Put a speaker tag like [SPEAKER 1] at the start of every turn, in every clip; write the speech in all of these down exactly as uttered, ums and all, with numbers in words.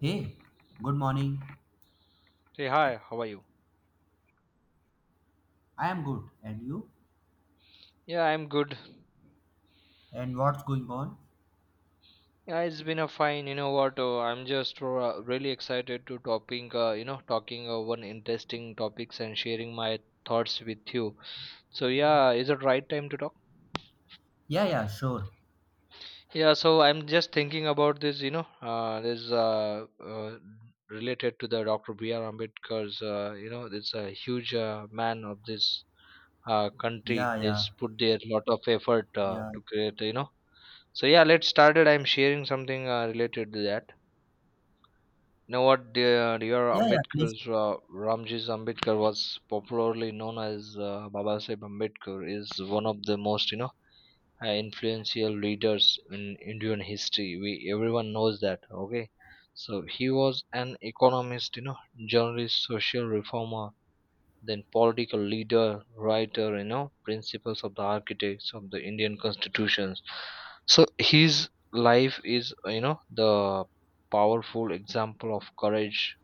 [SPEAKER 1] Hey, good morning.
[SPEAKER 2] Say hi, how are you?
[SPEAKER 1] I am good. And you?
[SPEAKER 2] Yeah, I'm good.
[SPEAKER 1] And what's going on?
[SPEAKER 2] Yeah, it's been a fine, you know what? Uh, I'm just uh, really excited to talking, uh, you know, talking uh, one interesting topics and sharing my thoughts with you. So yeah, is it right time to talk?
[SPEAKER 1] Yeah, yeah, sure.
[SPEAKER 2] Yeah, so I'm just thinking about this, you know, uh, this uh, uh, related to the Doctor B R. Ambedkar's, uh, you know, it's a huge uh, man of this uh, country.
[SPEAKER 1] Yeah, yeah,
[SPEAKER 2] It's put their lot of effort uh,
[SPEAKER 1] yeah,
[SPEAKER 2] to create, you know. So yeah, let's started. I'm sharing something uh, related to that. You know what, dear, dear
[SPEAKER 1] yeah, yeah, please.
[SPEAKER 2] Ambedkar's, uh, Ramjis Ambedkar was popularly known as uh, Baba Sahib Ambedkar, is one of the most, you know, uh, influential leaders in Indian history. We everyone knows that. Okay, so he was an economist, you know, journalist, social reformer, then political leader, writer, you know, principles of the architects of the Indian constitutions. So his life is, uh, you know, the powerful example of courage,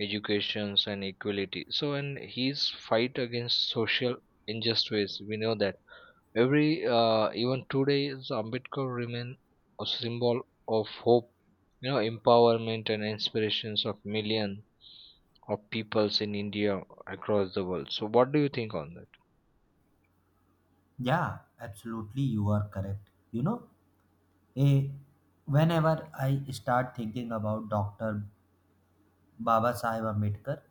[SPEAKER 2] education, and equality. So, and his fight against social injustice, we know that every, uh, even today, is Ambedkar remain a symbol of hope, you know, empowerment and inspirations of millions of peoples in India across the world. So, what do you think on that?
[SPEAKER 1] Yeah, absolutely, you are correct. You know, eh, whenever I start thinking about Doctor Baba Sahib Ambedkar,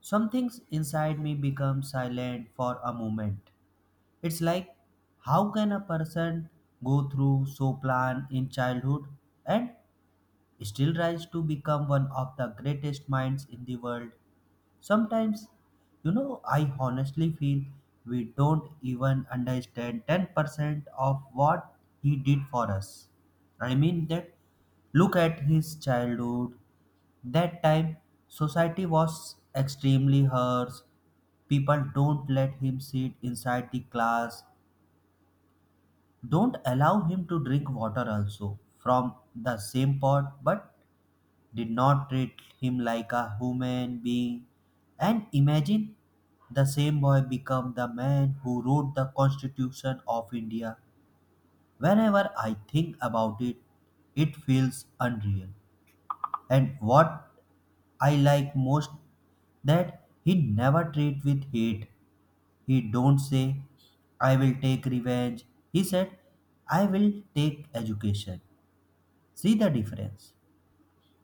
[SPEAKER 1] some things inside me become silent for a moment. It's like, how can a person go through so plan in childhood and still rise to become one of the greatest minds in the world. Sometimes, you know, I honestly feel we don't even understand ten percent of what he did for us. I mean, that look at his childhood. That time, society was extremely harsh. People don't let him sit inside the class, don't allow him to drink water also from the same pot, but did not treat him like a human being. And imagine the same boy become the man who wrote the Constitution of India. Whenever I think about it, it feels unreal. And what I like most that he never treat with hate. He don't say, I will take revenge. He said, I will take education. See the difference.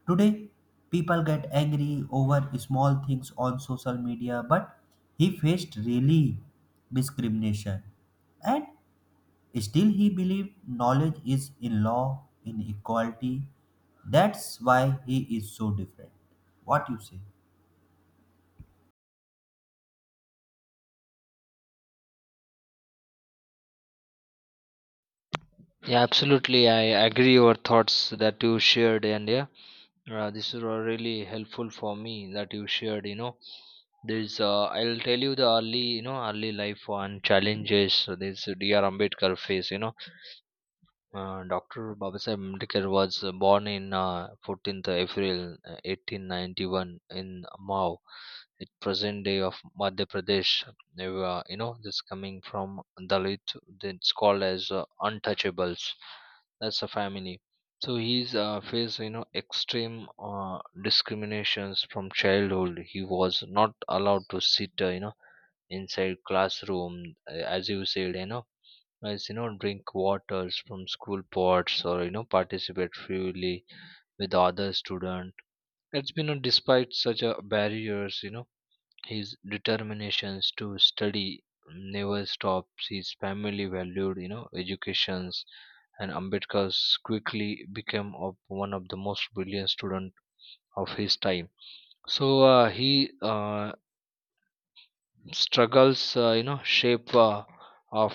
[SPEAKER 1] Today, people get angry over small things on social media, but he faced really discrimination. And still, he believed knowledge is in law, in equality. That's why he is so different. What you say?
[SPEAKER 2] Yeah, absolutely. I agree your thoughts that you shared, and yeah, uh, this is really helpful for me that you shared. You know, there's uh, I'll tell you the early, you know, early life one challenges. So this D R Ambedkar face. You know, Uh, Doctor Babasaheb Ambedkar was uh, born in uh, fourteenth April uh, eighteen ninety-one in Mao, at present day of Madhya Pradesh. They were, you know, this coming from Dalit, that's called as uh, untouchables. That's a family. So he's uh, faced, you know, extreme uh, discriminations from childhood. He was not allowed to sit, uh, you know, inside classroom, uh, as you said, you know, as you know, drink waters from school pots, or you know, participate freely with other students. It's been uh, despite such a barriers, you know, his determinations to study never stops. His family valued, you know, educations, and Ambedkar's quickly became of one of the most brilliant student of his time. So uh, he uh, struggles, uh, you know, shape uh, of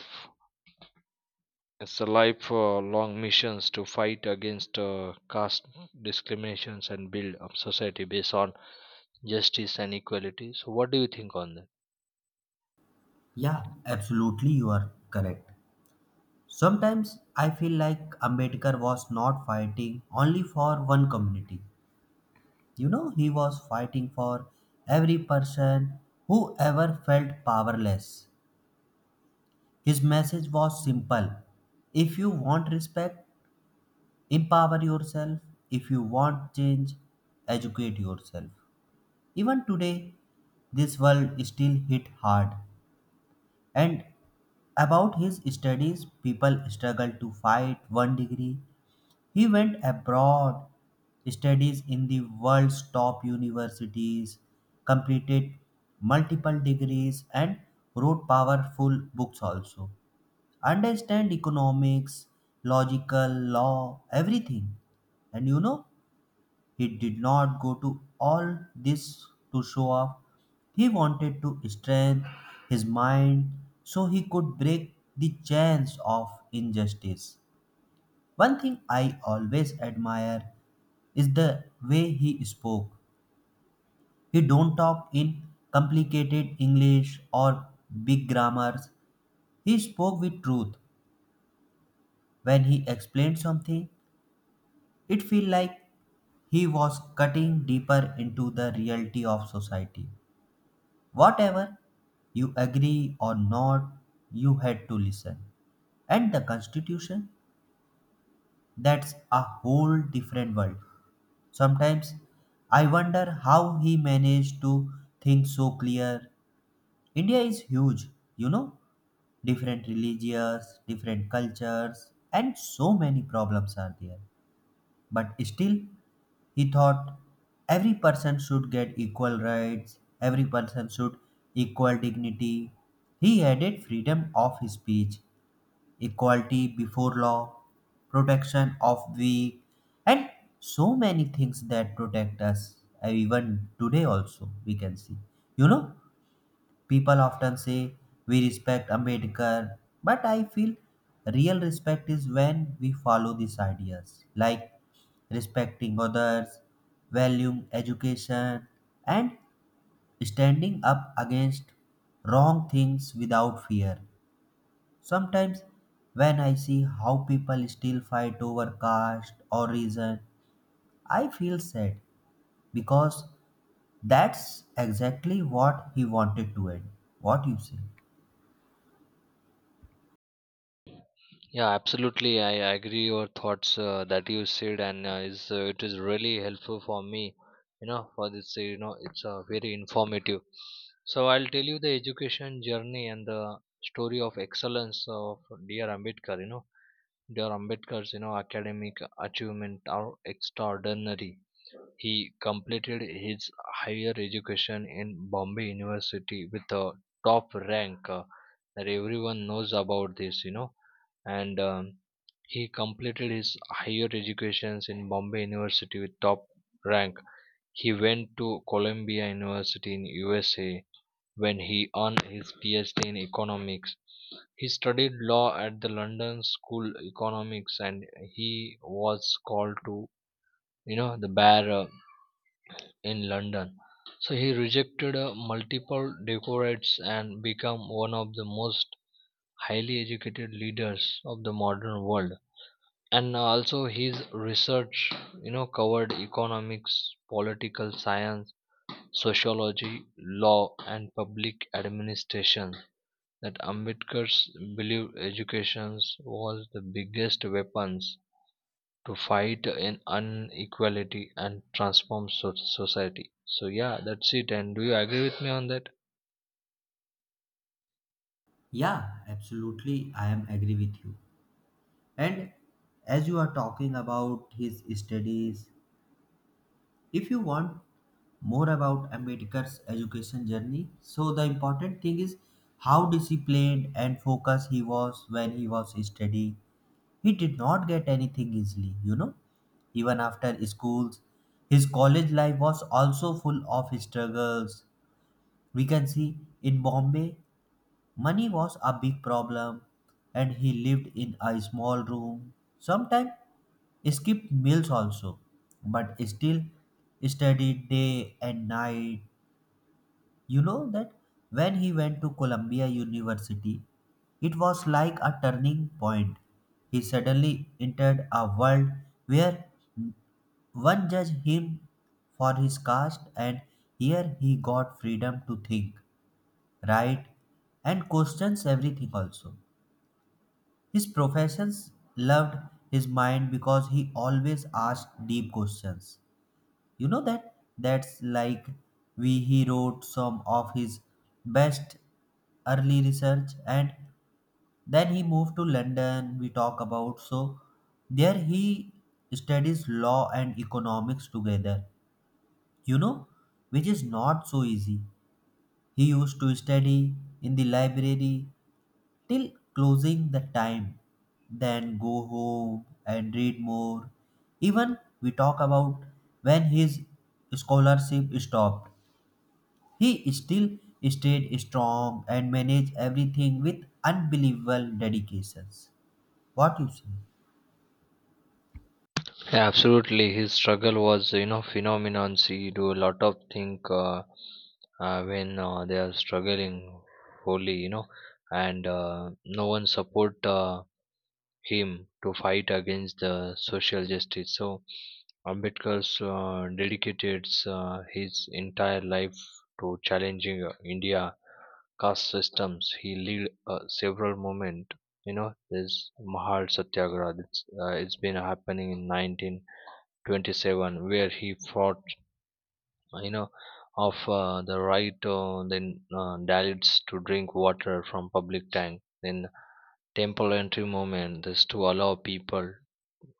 [SPEAKER 2] it's a life uh, long missions to fight against uh, caste discriminations and build a society based on justice and equality. So, what do you think on that?
[SPEAKER 1] Yeah, absolutely, you are correct. Sometimes I feel like Ambedkar was not fighting only for one community. You know, he was fighting for every person who ever felt powerless. His message was simple if you want respect, empower yourself. If you want change, educate yourself. Even today, this world still hit hard. And about his studies, people struggle to fight one degree. He went abroad, studies in the world's top universities, completed multiple degrees, and wrote powerful books also. Understand economics, logical, law, everything. And you know, he did not go to all this to show off. He wanted to strengthen his mind so he could break the chains of injustice. One thing I always admire is the way he spoke. He don't talk in complicated English or big grammars. He spoke with truth. When he explained something, it feel like he was cutting deeper into the reality of society. Whatever you agree or not, you had to listen. And the constitution, that's a whole different world. Sometimes I wonder how he managed to think so clear. India is huge, you know, different religions, different cultures, and so many problems are there. But still, he thought every person should get equal rights, every person should equal dignity. He added freedom of speech, equality before law, protection of the, and so many things that protect us. uh, Even today, also, we can see. You know, people often say we respect Ambedkar, but I feel real respect is when we follow these ideas, like respecting others, valuing education, and standing up against wrong things without fear. Sometimes, when I see how people still fight over caste or reason, I feel sad because that's exactly what he wanted to end. What you say?
[SPEAKER 2] Yeah, absolutely. I agree your thoughts uh, that you said, and uh, is uh, it is really helpful for me. You know, for this, uh, you know, it's uh, very informative. So, I'll tell you the education journey and the story of excellence of dear Ambedkar. You know, dear Ambedkar's, you know, academic achievement are extraordinary. He completed his higher education in Bombay University with a top rank, uh, that everyone knows about this, you know. And um, he completed his higher educations in Bombay University with top rank. He went to Columbia University in U S A when he earned his PhD in economics. He studied law at the London School Economics, and he was called to, you know, the bar, uh, in London. So he rejected uh, multiple decorates and became one of the most highly educated leaders of the modern world. And also his research, you know, covered economics, political science, sociology, law, and public administration. That Ambedkar's belief education was the biggest weapons to fight in inequality and transform so- society. So yeah, that's it, and do you agree with me on that?
[SPEAKER 1] Yeah, absolutely. I am agree with you. And as you are talking about his studies, if you want more about Ambedkar's education journey, so the important thing is how disciplined and focused he was when he was studying. He did not get anything easily, you know. Even after schools, his college life was also full of struggles. We can see in Bombay, money was a big problem and he lived in a small room. Sometimes skipped meals also, but still studied day and night. You know that when he went to Columbia University, it was like a turning point. He suddenly entered a world where one judged him for his caste, and here he got freedom to think, write, and questions everything also. His professors loved his mind because he always asked deep questions. You know that? That's like we he wrote some of his best early research and then he moved to London we talk about. So there he studies law and economics together, you know, which is not so easy. He used to study in the library till closing the time, then go home and read more. Even we talk about when his scholarship stopped. He still stayed strong and managed everything with unbelievable dedications. What you say?
[SPEAKER 2] Yeah, absolutely, his struggle was, you know, phenomenon. See do a lot of think, uh, uh, when uh, they are struggling wholly, you know, and uh, no one support uh, him to fight against the social justice. So Ambedkar's, uh, dedicated uh, his entire life to challenging uh, India caste systems. He lead uh, several movement. You know, this Mahal Satyagraha. It's, uh, it's been happening in nineteen twenty-seven, where he fought. uh, You know, of uh, the right uh, then uh, Dalits to drink water from public tank. Then temple entry movement. This to allow people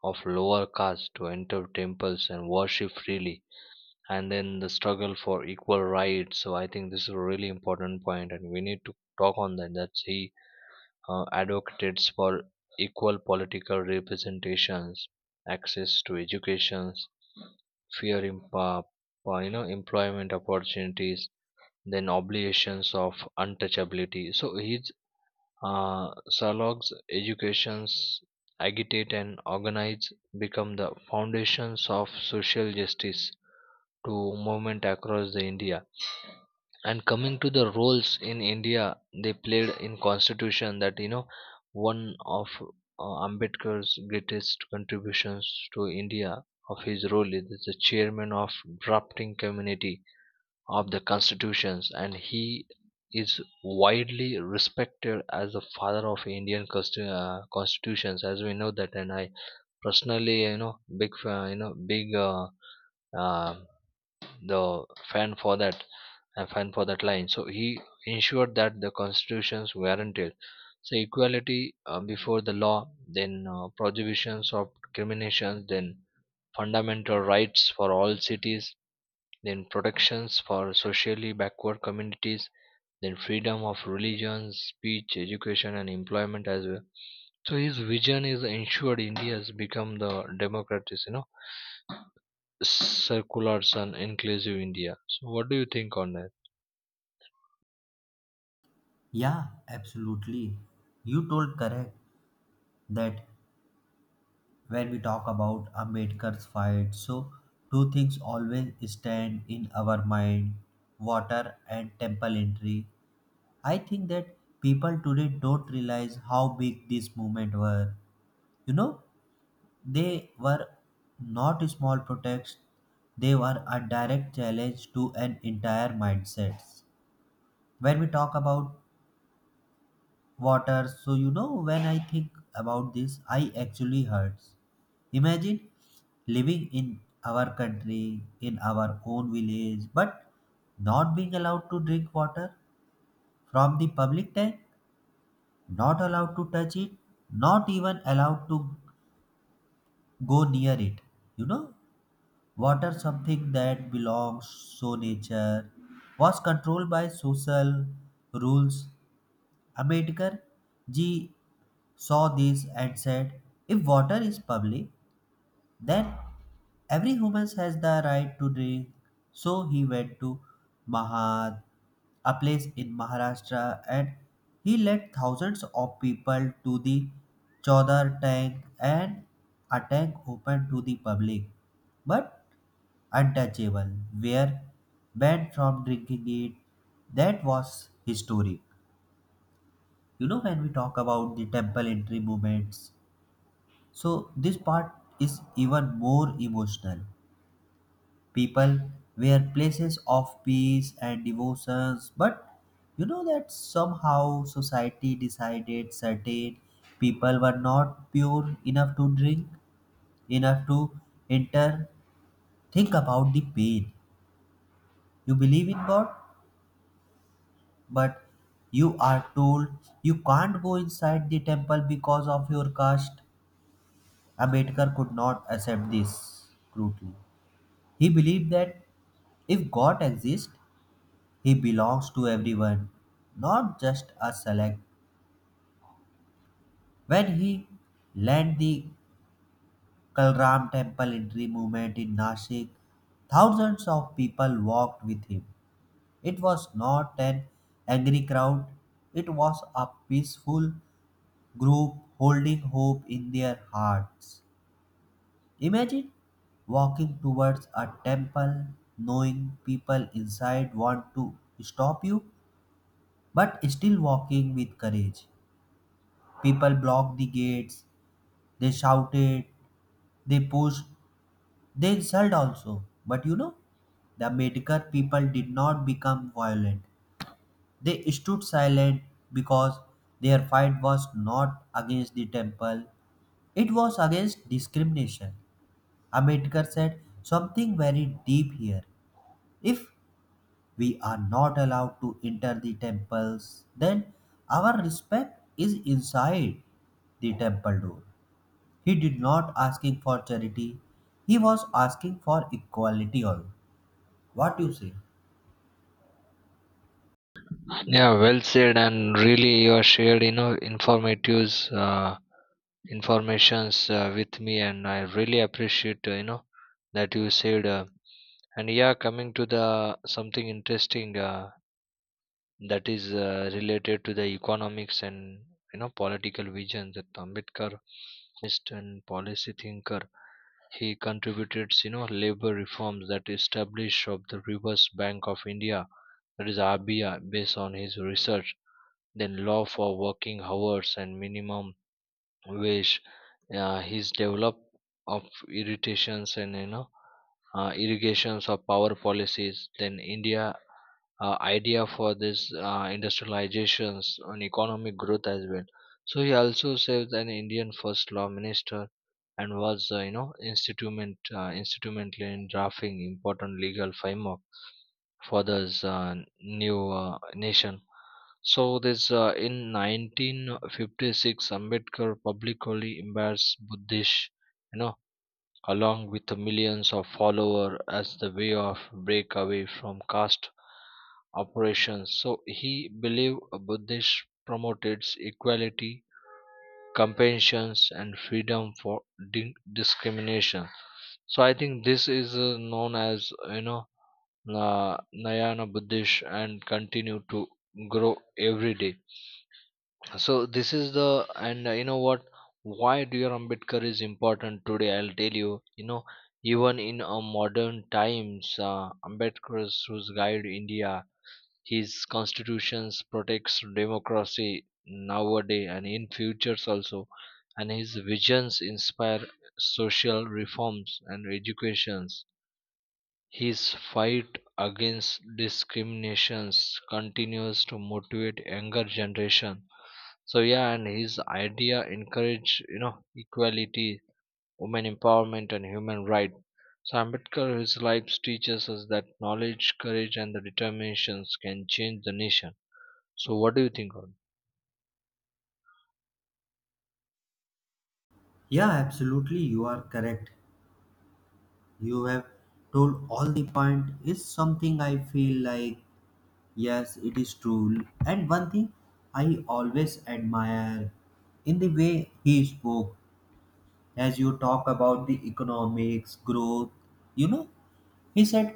[SPEAKER 2] of lower caste to enter temples and worship freely, and then the struggle for equal rights. So I think this is a really important point, and we need to talk on that. That's he uh, advocates for equal political representations, access to education, fair impa- uh, uh, you know, employment opportunities, then obligations of untouchability. So his uh, Salog's educations, agitate and organize, become the foundations of social justice to movement across the India. And coming to the roles in India they played in constitution, that, you know, one of uh, Ambedkar's greatest contributions to India, of his role is the chairman of drafting community of the constitutions, and he is widely respected as the father of Indian consti- uh, constitutions, as we know that. And I personally, you know, big fa- you know, big uh, uh, the fan for that, a fan for that line so he ensured that the constitutions guaranteed so equality uh, before the law, then uh, prohibitions of discrimination, then fundamental rights for all cities, then protections for socially backward communities, then freedom of religion, speech, education, and employment as well. So his vision is ensured India has become the democratic, you know, circular and inclusive India. So what do you think on that?
[SPEAKER 1] Yeah, absolutely. You told correct that when we talk about Ambedkar's fight. So, two things always stand in our mind water and temple entry. I think that people today don't realize how big this movement were. You know, they were not small protests, they were a direct challenge to an entire mindset. When we talk about water. So, you know, when I think about this, I actually hurts. Imagine living in our country, in our own village, but not being allowed to drink water from the public tank, not allowed to touch it, not even allowed to go near it. You know, water something that belongs so nature was controlled by social rules. Ambedkar ji saw this and said, if water is public, then every human has the right to drink. So he went to Mahad, a place in Maharashtra, and he led thousands of people to the Chaudhar tank and a tank open to the public but untouchable, were banned from drinking it. That was historic. You know, when we talk about the temple entry movements, so this part is even more emotional. People were places of peace and devotions, but you know that somehow society decided certain people were not pure enough to drink, enough to enter. Think about the pain. You believe in God, but you are told you can't go inside the temple because of your caste. Ambedkar could not accept this crudely. He believed that if God exists, he belongs to everyone, not just a select. When he led the Kalram temple entry movement in Nashik, thousands of people walked with him. It was not an angry crowd, it was a peaceful group holding hope in their hearts. Imagine walking towards a temple knowing people inside want to stop you but still walking with courage. People blocked the gates, they shouted, they pushed, they insulted also. But you know, the Medgar people did not become violent. They stood silent because their fight was not against the temple, it was against discrimination. Ambedkar said something very deep here. If we are not allowed to enter the temples, then our respect is inside the temple door. He did not asking for charity. He was asking for equality all. What you say?
[SPEAKER 2] Yeah, well said, and really you are shared, you know, informatives, uh, informations uh, with me, and I really appreciate, uh, you know, that you said. Uh, and yeah, coming to the something interesting uh, that is uh, related to the economics and, you know, political vision that Ambedkar, economist and policy thinker, he contributed, you know, labor reforms that established of the Reverse Bank of India, that is R B I, based on his research, then law for working hours and minimum wage. Uh, his develop of irritations, and you know, uh, irrigations of power policies, then India uh, idea for this uh, industrializations on economic growth as well. So he also served an Indian first law minister, and was, uh, you know, instrument uh, instrumental in drafting important legal framework for this uh, new uh, nation. So this, uh, in nineteen fifty-six, Ambedkar publicly embraced Buddhist, you know, along with the millions of followers as the way of break away from caste operations. So he believed Buddhist promoted equality, compassion, and freedom for di- discrimination. So I think this is, uh, known as, you know, uh, Nayana Buddhist, and continue to grow every day. So this is the, and uh, you know what, why dear Ambedkar is important today, I'll tell you, you know, even in uh, modern times, uh, Ambedkar who's guide India. His constitutions protects democracy nowadays and in futures also, and his visions inspire social reforms and educations. His fight against discriminations continues to motivate younger generation. So yeah, and his idea encourage, you know, equality, women empowerment, and human right. So Ambedkar his life teaches us that knowledge, courage, and the determinations can change the nation. So what do you think on?
[SPEAKER 1] Yeah, absolutely. You are correct. You have told all the point is something I feel like yes, it is true. And one thing I always admire in the way he spoke as you talk about the economics growth, you know, he said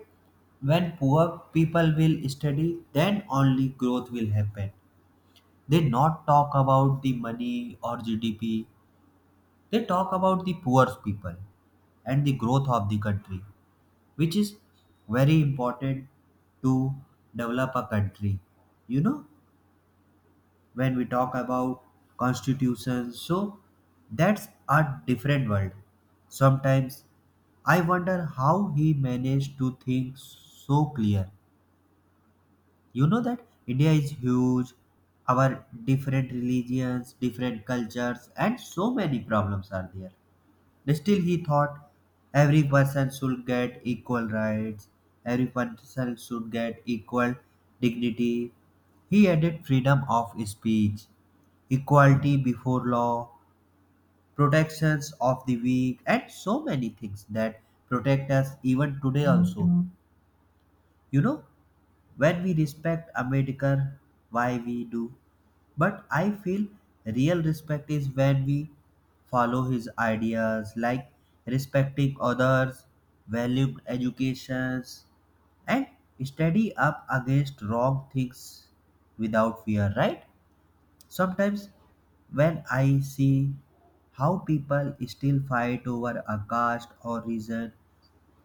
[SPEAKER 1] when poor people will study then only growth will happen. They not talk about the money or gdp, they talk about the poor people and the growth of the country, which is very important to develop a country. You know, when we talk about constitutions, so that's a different world. Sometimes I wonder how he managed to think so clear. You know that India is huge, our different religions, different cultures, and so many problems are there. Still, he thought every person should get equal rights, every person should get equal dignity. He added freedom of speech, equality before law, protections of the weak, and so many things that protect us even today, also. Mhm. You know? When we respect Ambedkar, why we do. But I feel real respect is when we follow his ideas, like respecting others, valuing educations, and steady up against wrong things without fear, right? Sometimes when I see how people still fight over a caste or reason.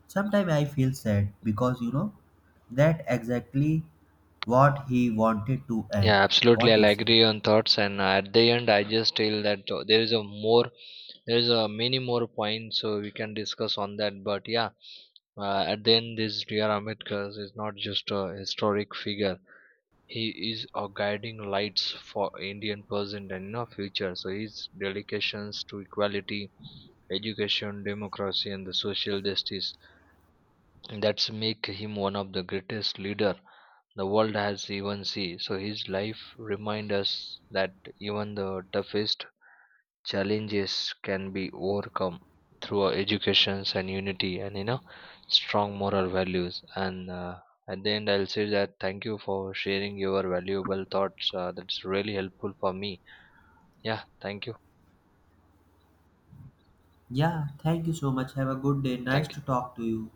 [SPEAKER 1] Sometimes I feel sad because you know that exactly what he wanted to
[SPEAKER 2] Yeah,
[SPEAKER 1] end.
[SPEAKER 2] absolutely,
[SPEAKER 1] What
[SPEAKER 2] I'll
[SPEAKER 1] you say?
[SPEAKER 2] agree on thoughts, and uh, at the end I just feel that uh, there is a more there is a many more points so we can discuss on that, but yeah, uh, at the end, this Dr. Ambedkar is not just a historic figure. He is our guiding lights for Indian present and, you know, future. So his dedications to equality, education, democracy, and the social justice, and that's make him one of the greatest leader the world has even seen. So his life remind us that even the toughest challenges can be overcome through our educations and unity, and you know, strong moral values. And uh, at the end, I'll say that thank you for sharing your valuable thoughts, uh, that's really helpful for me. Yeah, thank you.
[SPEAKER 1] Yeah, thank you so much. Have a good day. Nice
[SPEAKER 2] Thank
[SPEAKER 1] to
[SPEAKER 2] you.
[SPEAKER 1] talk to you.